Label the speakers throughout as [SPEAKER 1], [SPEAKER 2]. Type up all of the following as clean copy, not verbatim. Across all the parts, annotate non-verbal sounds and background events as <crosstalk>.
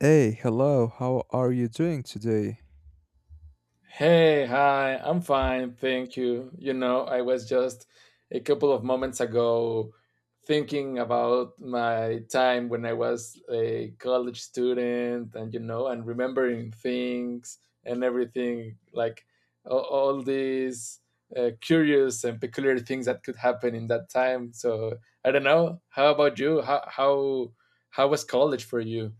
[SPEAKER 1] Hey, hello, how are you doing today?
[SPEAKER 2] Hey, hi, I'm fine, thank you. You know, I was just a couple of moments ago thinking about my time when I was a college student and, you know, and remembering things and everything, like all these curious and peculiar things that could happen in that time. So I don't know. How about you? How was college for you?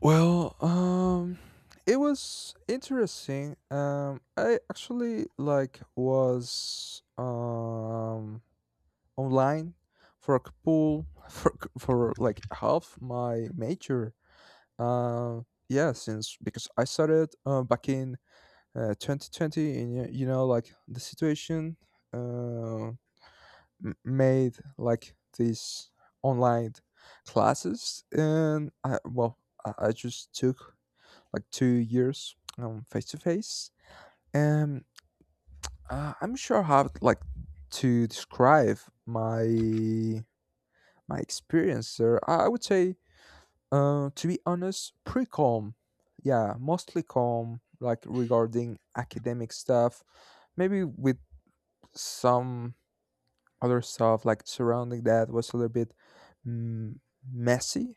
[SPEAKER 1] Well, um, it was interesting. I actually like was online for a couple <laughs> for for like half my major. Uh, yeah, since because I started back in 2020, and you know, like the situation uh, m- made like these online classes, and I just took like 2 years face to face, and I'm sure how like to describe my my experience there. I would say, to be honest, pretty calm. Yeah, mostly calm, like regarding academic stuff. Maybe with some other stuff like surrounding that was a little bit mm, messy.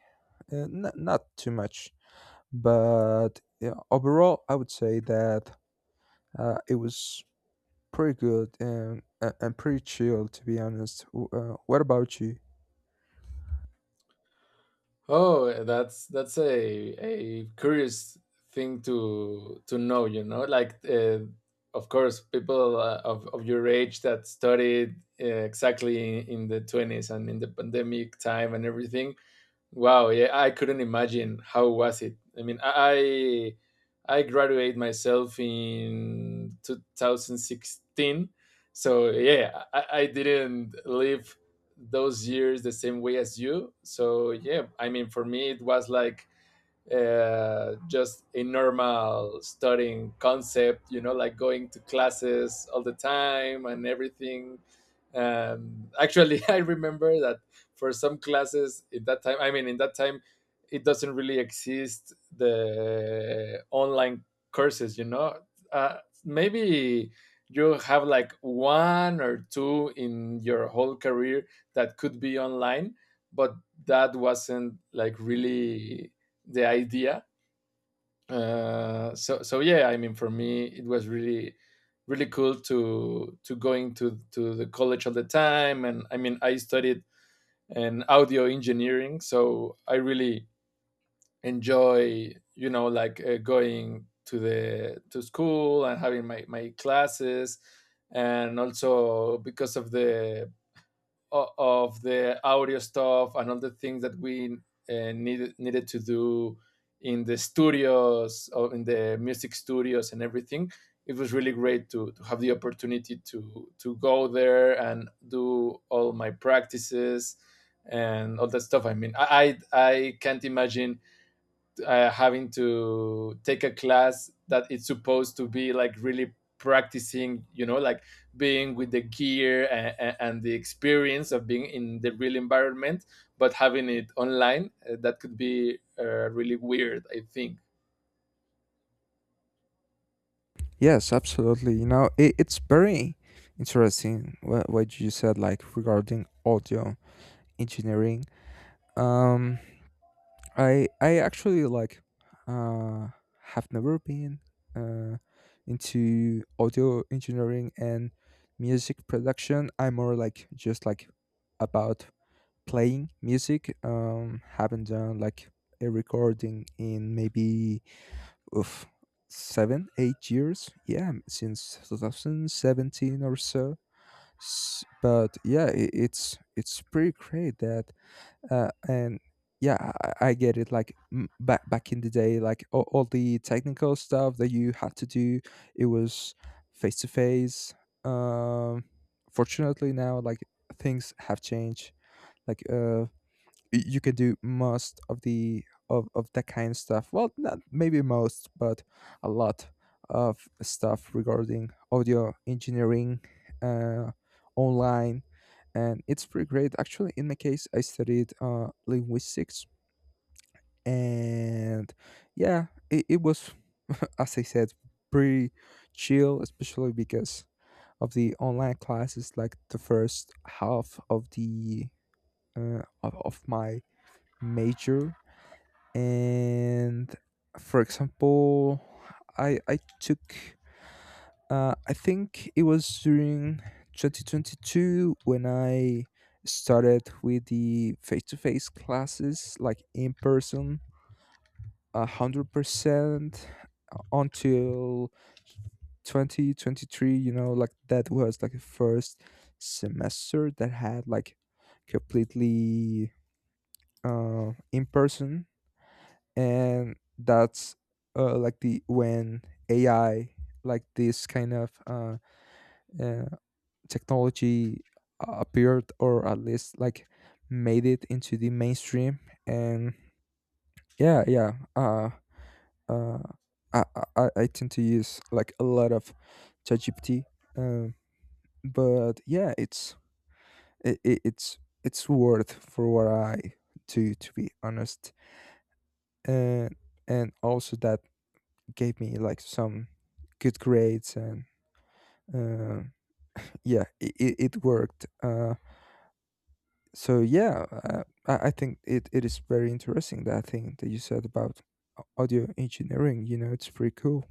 [SPEAKER 1] Not too much, but yeah, overall, I would say that it was pretty good and pretty chill, to be honest. What about you?
[SPEAKER 2] Oh, that's a curious thing to know, you know. Like, of course, people of your age that studied exactly in the twenties and in the pandemic time and everything. Wow, yeah, I couldn't imagine how was it. I mean, I graduated myself in 2016, so yeah, I didn't live those years the same way as you. So yeah, I mean, for me it was like just a normal studying concept, you know, like going to classes all the time and everything. Actually, <laughs> I remember that for some classes in that time, I mean, in that time, it doesn't really exist the online courses, you know. Uh, Maybe you have like one or two in your whole career that could be online, but that wasn't like really the idea. So yeah, I mean, for me, it was really cool to going to the college all the time, and I mean, I studied in audio engineering, so I really enjoy you know like going to the to school and having my classes and also because of the audio stuff and all the things that we needed to do in the studios or in the music studios and everything it was really great to have the opportunity to go there and do all my practices and all that stuff. I mean I can't imagine having to take a class that it's supposed to be like really practicing, you know, like being with the gear and the experience of being in the real environment but having it online, that could be really weird, I think.
[SPEAKER 1] Yes, absolutely. You know, it's very interesting what you said, like regarding audio engineering. Um, I actually like uh have never been uh into audio engineering and music production. I'm more like just like about playing music. Haven't done like a recording in maybe oof, seven, 8 years. Yeah, since 2017 or so. But yeah, I it's pretty great that and yeah, I get it. Like back in the day, like all the technical stuff that you had to do, it was face to face. Um, Fortunately, now like things have changed. Like you can do most of that kind of stuff, well, not maybe most but a lot of stuff regarding audio engineering, uh, online, and it's pretty great. Actually, in my case, I studied linguistics, and yeah, it was, <laughs> as I said, pretty chill, especially because of the online classes, like the first half of the of my major. And for example, I took, I think it was during 2022 when I started with the face-to-face classes, like in person 100%, until 2023. You know, like that was like the first semester that had like completely in person, and that's like the when AI, like this kind of uh, technology, appeared, or at least like made it into the mainstream. And yeah yeah uh, uh, I, I, I I tend to use like a lot of ChatGPT, um, but yeah, it's, it's worth for what I do, to be honest. and and also that gave me like some good grades, and uh, yeah, it it worked. So yeah, I think it is very interesting that thing that you said about audio engineering. You know, it's pretty cool.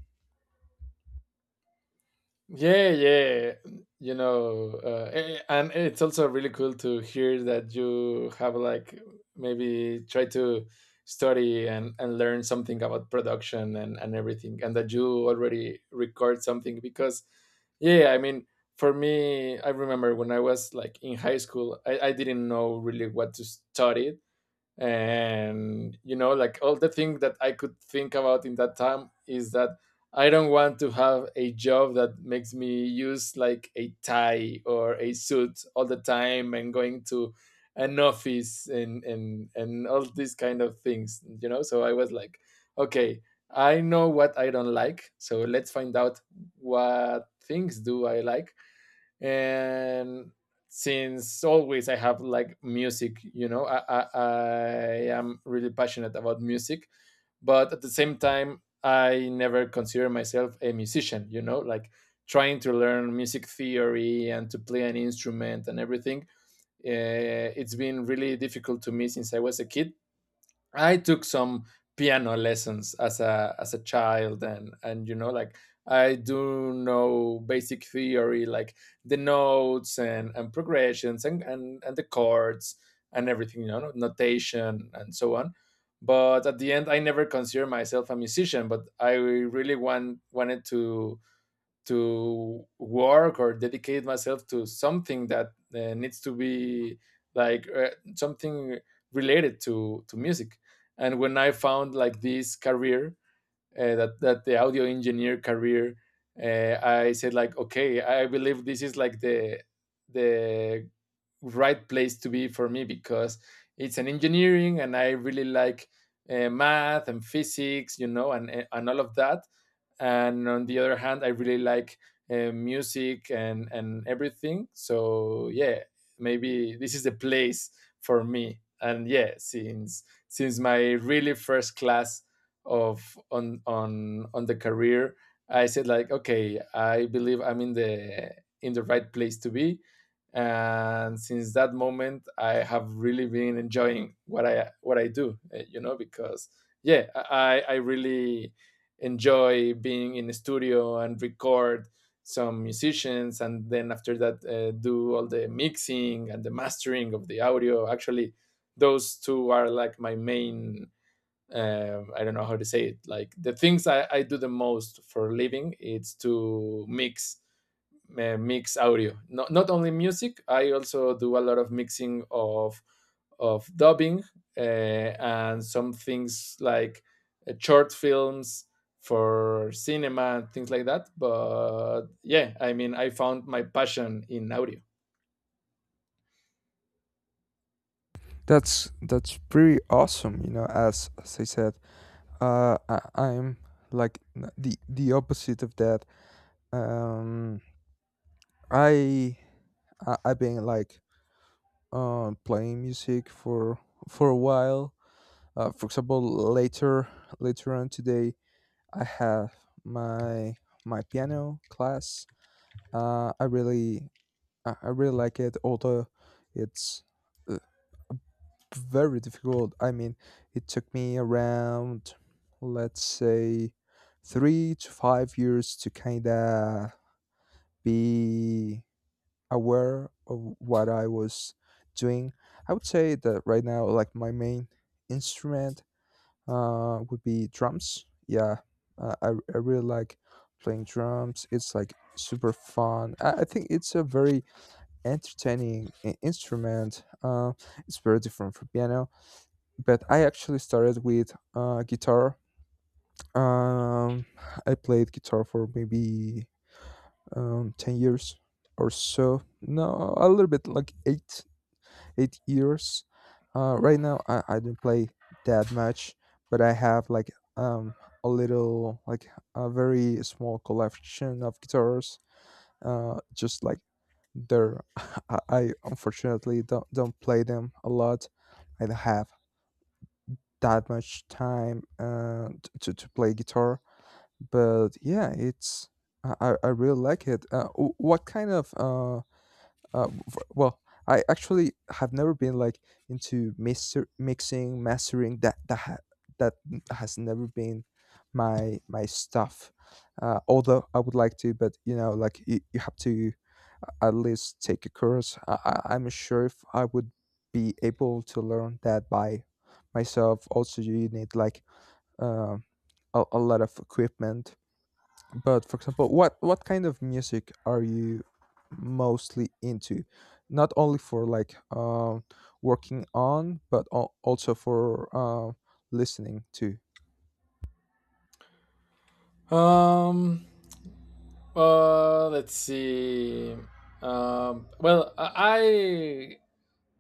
[SPEAKER 2] Yeah, yeah. You know, and it's also really cool to hear that you have like maybe try to study and learn something about production and everything, and that you already record something. Because, yeah, I mean, for me, I remember when I was like in high school, I didn't know really what to study. And you know like all the thing that I could think about in that time is that I don't want to have a job that makes me use like a tie or a suit all the time and going to an office and and all these kind of things, you know. So I was like, okay, I know what I don't like, so let's find out what things do I like. And since always I have like music, you know. I am really passionate about music, but at the same time I never consider myself a musician, you know, like trying to learn music theory and to play an instrument and everything. It's been really difficult to me since I was a kid. I took some piano lessons as a child, and you know like I do know basic theory like the notes and progressions and and the chords and everything, you know, notation and so on. But at the end I never consider myself a musician, but I really wanted to work or dedicate myself to something that needs to be like something related to music. And when I found like this career, that that the audio engineer career, I said like, okay, I believe this is like the right place to be for me because it's an engineering, and I really like math and physics, you know, and and all of that. And on the other hand, I really like music and everything. So yeah, maybe this is the place for me. And yeah, since my really first class of on the career I said like okay I believe I'm in the right place to be. And since that moment I have really been enjoying what I do, you know. Because yeah i really enjoy being in the studio and record some musicians, and then after that do all the mixing and the mastering of the audio. Actually those two are like my main, I don't know how to say it. Like the things I do the most for a living, it's to mix, mix audio. Not not only music. I also do a lot of mixing of dubbing and some things like short films for cinema and things like that. But yeah, I mean, I found my passion in audio.
[SPEAKER 1] That's pretty awesome. You know, as I said, I'm like the opposite of that. Um, I, I, I've been like playing music for a while. For example, later later on today, I have my my piano class. Uh, I really I really like it, although it's uh, very difficult. I mean, it took me around, let's say, 3 to 5 years to kind of be aware of what I was doing. I would say that right now, like my main instrument would be drums. Yeah, uh, I, I really like playing drums. It's like super fun. I think it's a very entertaining instrument. It's very different from piano, but I actually started with guitar. Um, I played guitar for maybe 10 years or so. No, a little bit like eight years. Right now, I don't play that much, but I have like um, a little, like a very small collection of guitars. Just like there. <laughs> I unfortunately don't play them a lot. I don't have that much time, to play guitar, but yeah, it's, I really like it. W- what kind of for, well, I actually have never been like into mixing, mastering. That has never been my stuff. Although I would like to, but you know, like you have to, at least, take a course. I'm sure if I would be able to learn that by myself. Also, you need like um a lot of equipment. But for example, what kind of music are you mostly into? Not only for like working on, but also for listening to.
[SPEAKER 2] Um. Let's see. Well, I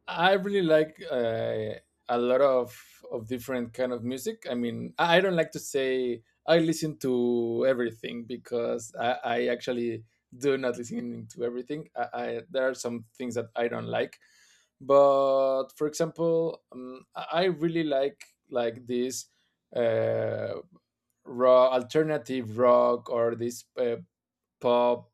[SPEAKER 2] I really like a lot of different kind of music. I mean, I don't like to say I listen to everything because I actually do not listen to everything. I there are some things that I don't like, but for example, I really like this uh, raw alternative rock or this pop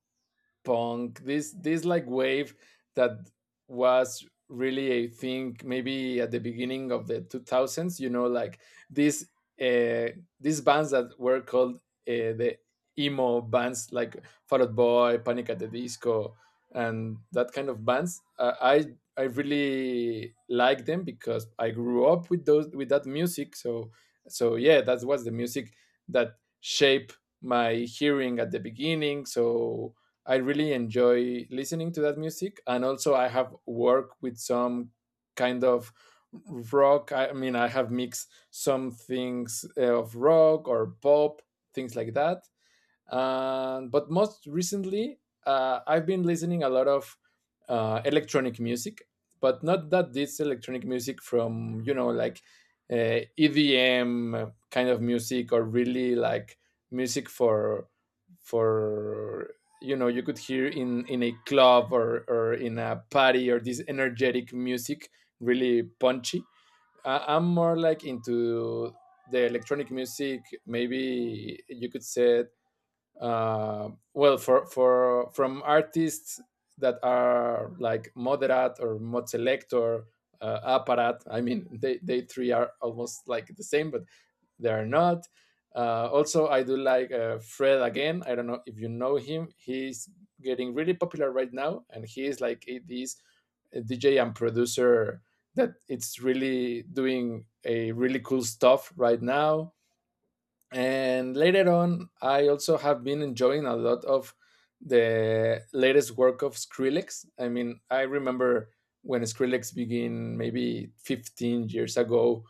[SPEAKER 2] punk, this like wave that was really a thing maybe at the beginning of the 2000s, you know like these uh these bands that were called the emo bands like Fall Out Boy, Panic at the Disco, and that kind of bands. I really like them because I grew up with those with that music. So so yeah, that was the music that shaped my hearing at the beginning. So I really enjoy listening to that music. And also, I have worked with some kind of rock. I mean, I have mixed some things of rock or pop, things like that. But most recently, I've been listening a lot of electronic music, but not that this electronic music from you know like EDM kind of music or really like music for you know you could hear in a club or in a party or this energetic music, really punchy. I'm more like into the electronic music. Maybe you could say well for from artists that are like Moderat or Mod Selector, Apparat. I mean <laughs> they three are almost like the same, but they are not. Also I do like Fred Again, I don't know if you know him. He's getting really popular right now, and he is like a, this DJ and producer that it's really doing a really cool stuff right now. And later on I also have been enjoying a lot of the latest work of Skrillex. I mean I remember when Skrillex began maybe 15 years ago.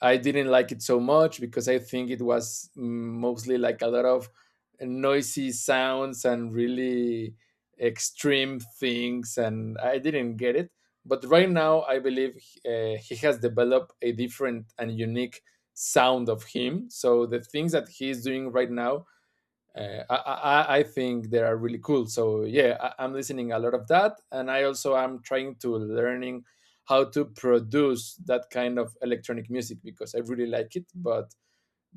[SPEAKER 2] I didn't like it so much because I think it was mostly like a lot of noisy sounds and really extreme things, and I didn't get it. But right now, I believe he has developed a different and unique sound of him. So the things that he's doing right now, I think they are really cool. So yeah, I'm listening a lot of that. And I also am trying to learning how to produce that kind of electronic music because I really like it. But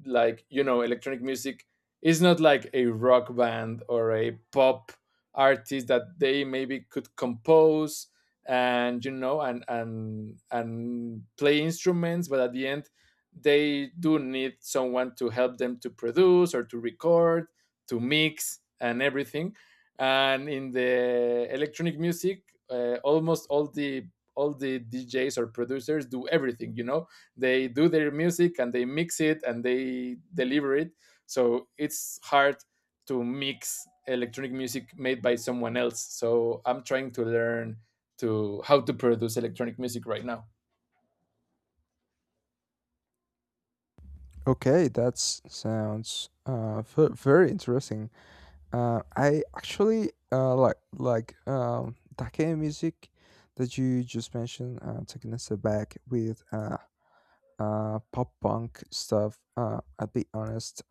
[SPEAKER 2] like you know electronic music is not like a rock band or a pop artist that they maybe could compose, and you know and and play instruments. But at the end they do need someone to help them to produce or to record, to mix and everything. And in the electronic music, almost all the DJs or producers do everything, you know. They do their music and they mix it and they deliver it. So it's hard to mix electronic music made by someone else, so I'm trying to learn to how to produce electronic music right now.
[SPEAKER 1] Okay, that sounds very interesting. I actually like that kind of music that you just mentioned. Taking us back with pop punk stuff. I'll be honest,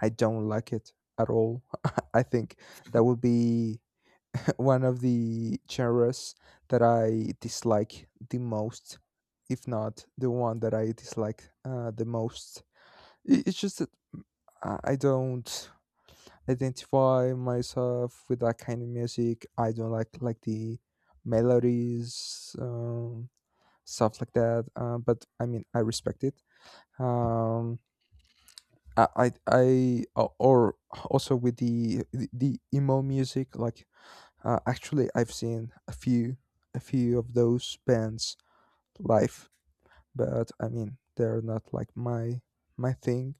[SPEAKER 1] I don't like it at all. <laughs> I think that would be <laughs> one of the genres that I dislike the most, if not the one that I dislike the most. It's just that mm, I don't identify myself with that kind of music. I don't like the melodies, um, stuff like that. But I mean, I respect it. Um, or also with the emo music. Like actually, I've seen a few of those bands live, but I mean, they're not like my thing.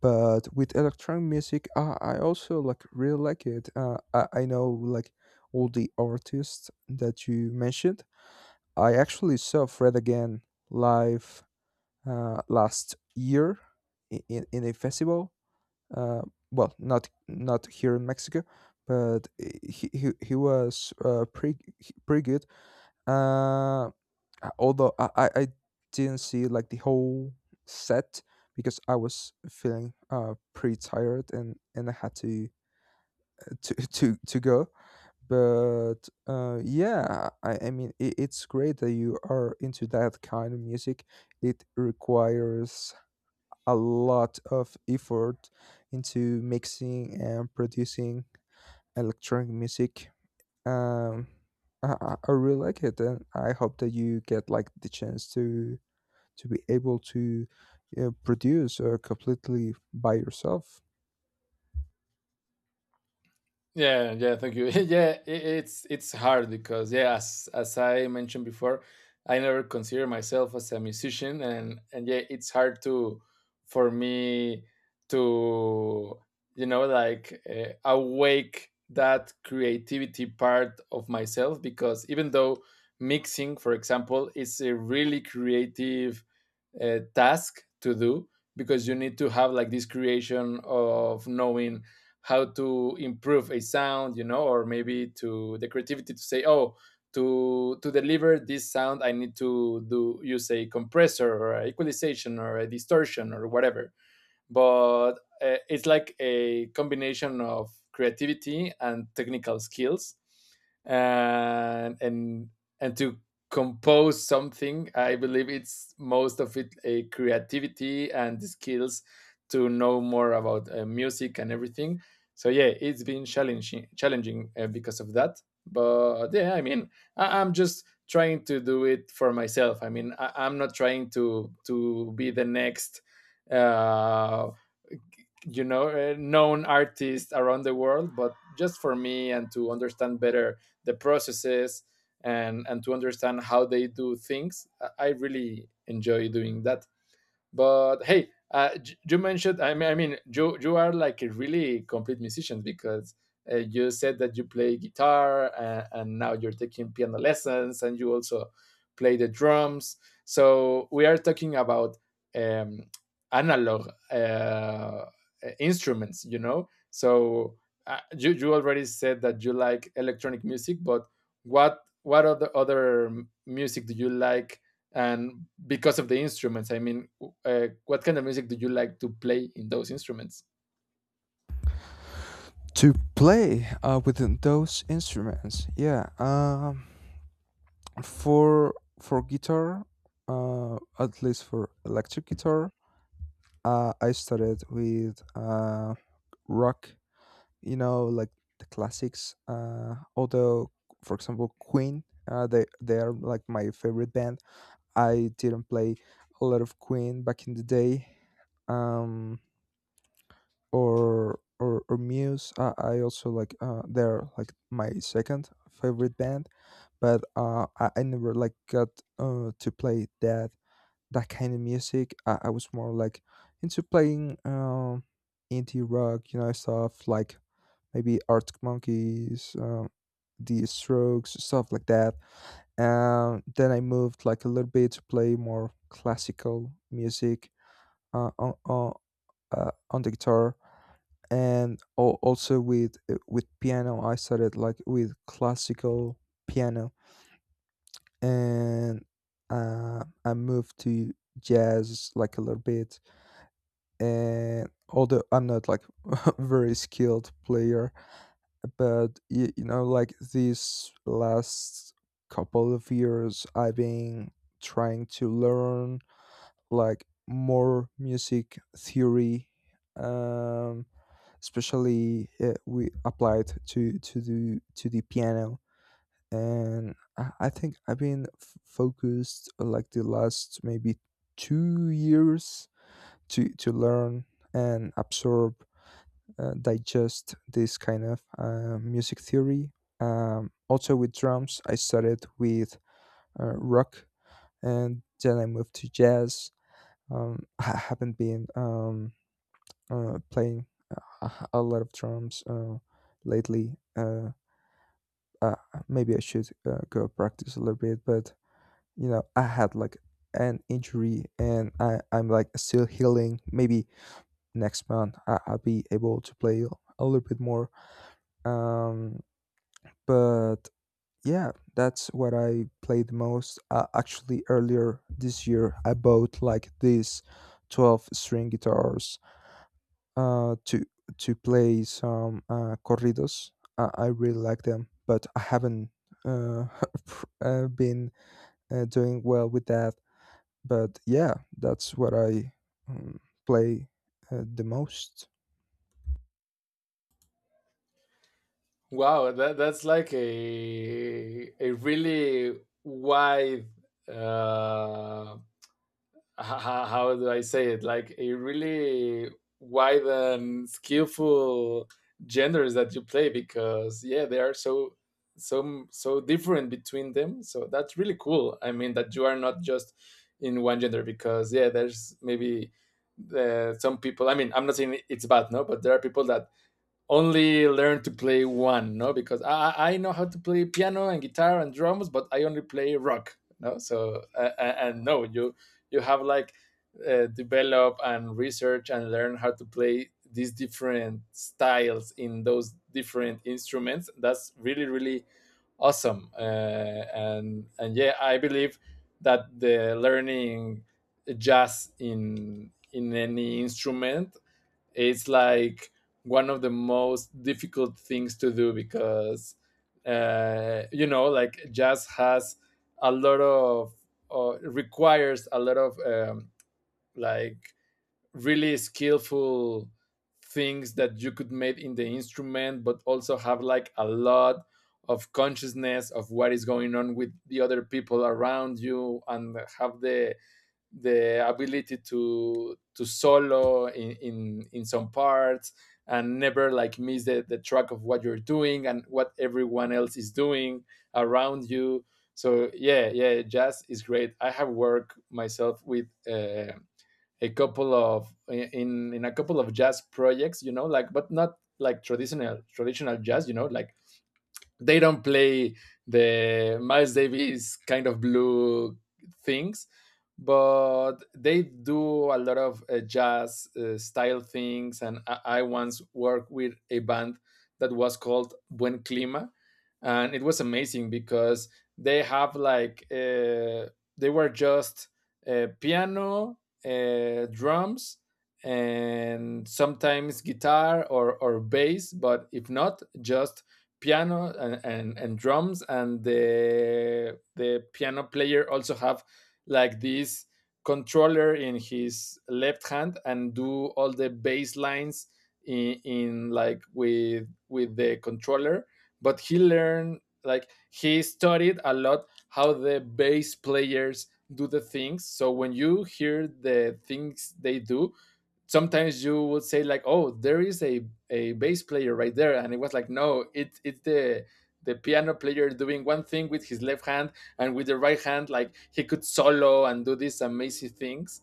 [SPEAKER 1] But with electronic music, I also like really like it. I know like all the artists that you mentioned. I actually saw Fred again live last year in a festival, uh, well, not here in Mexico, but he was pretty good. Uh, although I didn't see like the whole set because I was feeling pretty tired, and I had to <laughs> to go. But yeah, I mean, it's great that you are into that kind of music. It requires a lot of effort into mixing and producing electronic music. Um, I really like it, and I hope that you get like the chance to be able to produce completely by yourself.
[SPEAKER 2] Yeah, yeah, thank you. <laughs> Yeah, I it's hard because yeah, as I mentioned before, I never consider myself as a musician, and yeah, it's hard to for me to awake that creativity part of myself because even though mixing, for example, is a really creative task to do because you need to have like this creation of knowing how to improve a sound or maybe to the creativity to say oh to deliver this sound I need to do use a compressor or a equalization or a distortion or whatever but it's like a combination of creativity and technical skills and and and to compose something I believe it's most of it a creativity and the skills to know more about music and everything. So yeah, it's been challenging because of that, but yeah, I mean I'm just trying to do it for myself. I mean I'm not trying to be the next uh known artists around the world, but just for me and to understand better the processes and to understand how they do things. I really enjoy doing that. But hey, you mentioned. I mean, you are like a really complete musician because you said that you play guitar and now you're taking piano lessons and you also play the drums. So we are talking about um, analog instruments, you know. So you already said that you like electronic music, but what other music do you like, and because of the instruments, I mean what kind of music do you like to play in those instruments?
[SPEAKER 1] To play with those instruments, yeah. For for guitar, at least for electric guitar, I started with rock, you know, like the classics. Although, for example, Queen, they are like my favorite band. I didn't play a lot of Queen back in the day, um, or Muse. I also like they're like my second favorite band, but I never like got to play that kind of music. I was more like into playing indie rock, you know, stuff like maybe Arctic Monkeys, The Strokes, stuff like that. Then I moved like a little bit to play more classical music uh, on on, on the guitar and also with piano. I started like with classical piano, and I moved to jazz like a little bit, and although I'm not like <laughs> very skilled player, but you know, like these last couple of years, I've been trying to learn like more music theory, um, especially we applied to the piano. And I think I've been focused, like the last maybe 2 years, to learn and absorb, digest this kind of music theory. Also, with drums, I started with rock, and then I moved to jazz. <laughs> I haven't been playing a lot of drums lately. Uh, Maybe I should go practice a little bit, but you know, I had like an injury, and I'm like still healing. Maybe next month, I'll be able to play a little bit more. Um, But yeah, that's what I play the most. Actually, earlier this year, I bought like these 12 string guitars uh, to to play some corridos. I really like them, but I haven't uh, <laughs> been doing well with that. But yeah, that's what I um, play the most.
[SPEAKER 2] Wow, that's like a really wide uh how do I say it? Like a really wide and skillful genders that you play, because yeah, they are so so different between them. So that's really cool. I mean, that you are not just in one gender, because yeah, there's maybe some people. I mean, I'm not saying it's bad, no, but there are people that only learn to play one, no? Because I know how to play piano and guitar and drums, but I only play rock, no? So and no, you have like develop and research and learn how to play these different styles in those different instruments. That's really really awesome, and yeah, I believe that the learning jazz in any instrument, it's like one of the most difficult things to do because you know like jazz has a lot of requires a lot of like really skillful things that you could make in the instrument but also have like a lot of consciousness of what is going on with the other people around you, and have the ability to solo in in some parts and never like miss the track of what you're doing and what everyone else is doing around you. So yeah, yeah, jazz is great. I have worked myself with a couple of in a couple of jazz projects, you know, like, but not like traditional jazz, you know, like they don't play the Miles Davis kind of blue things, but they do a lot of jazz style things. And I once worked with a band that was called Buen Clima, and it was amazing because they have like they were just piano, drums, and sometimes guitar or bass, but if not, just piano and drums. And the piano player also have like this controller in his left hand and do all the bass lines in like with the controller, but he learned, like he studied a lot how the bass players do the things. So when you hear the things they do, sometimes you would say like, oh, there is a bass player right there. And it was like, no, it's the piano player doing one thing with his left hand, and with the right hand like he could solo and do these amazing things.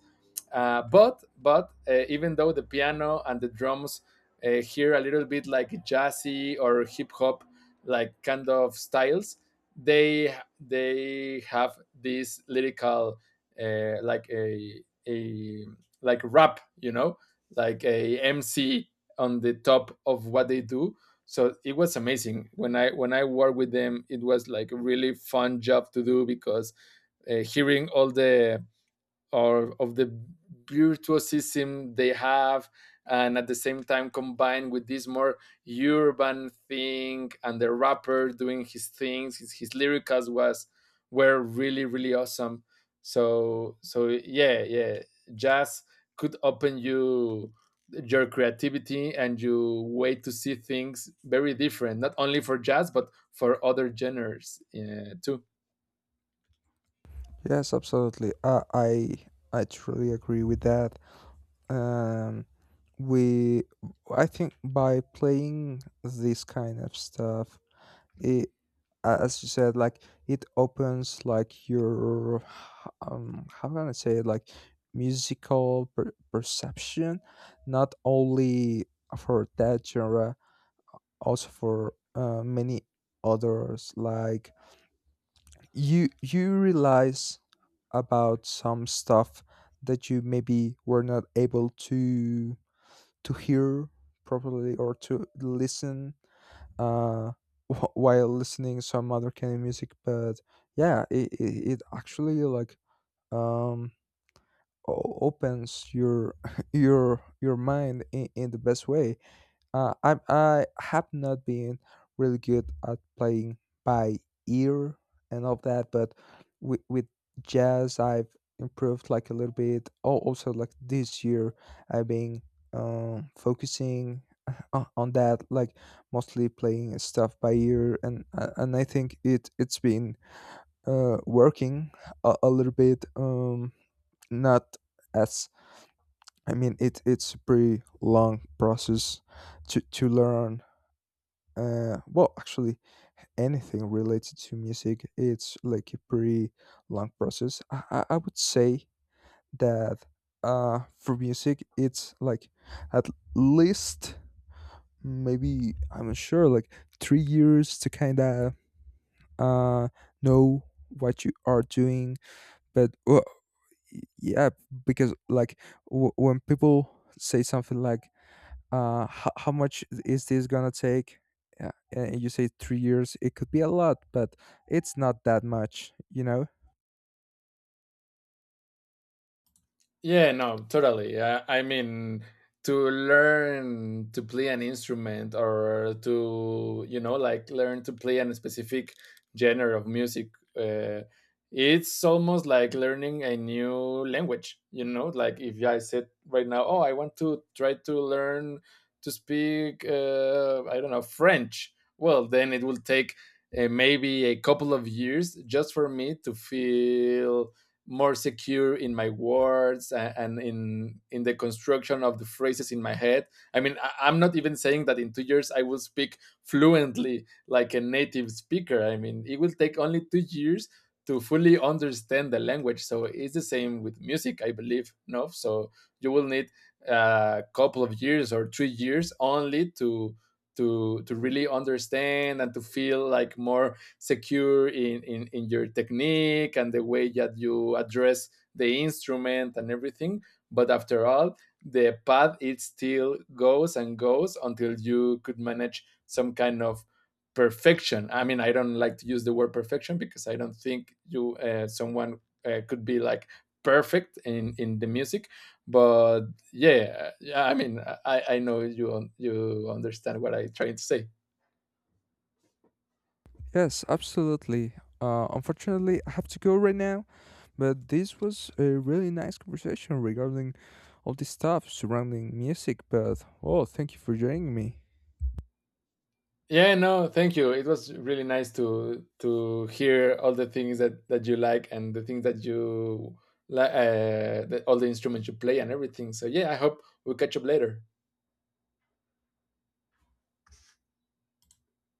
[SPEAKER 2] But Even though the piano and the drums hear a little bit like jazzy or hip hop like kind of styles, they they have this lyrical like a like rap, you know, like a MC on the top of what they do. So it was amazing when I worked with them. It was like a really fun job to do because hearing all the or of the virtuosism they have, and at the same time combined with this more urban thing and the rapper doing his things, his lyricals was were really really awesome. So so yeah, yeah, jazz could open you your creativity and you way to see things very different, not only for jazz but for other genres too.
[SPEAKER 1] Yes, absolutely. I truly agree with that. Um, we I think by playing this kind of stuff, it, as you said, like it opens like your how can I say it, like musical perception, not only for that genre, also for many others. Like you realize about some stuff that you maybe were not able to hear properly or to listen, uh, <laughs> while listening some other kind of music. But yeah, it actually like um, opens your <laughs> your mind in the best way. I have not been really good at playing by ear and all that, but with jazz I've improved like a little bit. Oh, also, like this year I've been focusing <laughs> on that, like mostly playing stuff by ear, and I think it's been working a little bit. Not as I mean, it's a pretty long process to learn. Actually, anything related to music, it's like a pretty long process. I would say that, for music, it's like at least, maybe I'm not sure, like 3 years to kind of uh know what you are doing. But well, yeah, because like when people say something like how much is this gonna take, and you say 3 years, it could be a lot, but it's not that much, you know?
[SPEAKER 2] Yeah, no, totally. I mean, to learn to play an instrument or to, you know, like learn to play a specific genre of music, uh, it's almost like learning a new language, you know? Like if I said right now, oh, I want to try to learn to speak, I don't know, French. Well, then it will take maybe a couple of years, just for me to feel more secure in my words and in the construction of the phrases in my head. I mean, I am not even saying that in 2 years I will speak fluently like a native speaker. I mean it will take only 2 years to fully understand the language. So it's the same with music, I believe, no? So you will need a couple of years or 3 years only to to really understand and to feel like more secure in, in your technique and the way that you address the instrument and everything. But after all, the path it still goes and goes until you could manage some kind of perfection. I mean, I don't like to use the word perfection because I don't think you someone could be like perfect in the music. But yeah, yeah. I mean, I know you understand what I'm trying to say.
[SPEAKER 1] Yes, absolutely. Uh, unfortunately I have to go right now, but this was a really nice conversation regarding all this stuff surrounding music. But oh, thank you for joining me.
[SPEAKER 2] Yeah, no, thank you. It was really nice to hear all the things that that you like, and the things that you like, the, all the instruments you play and everything. So yeah, I hope we catch up later.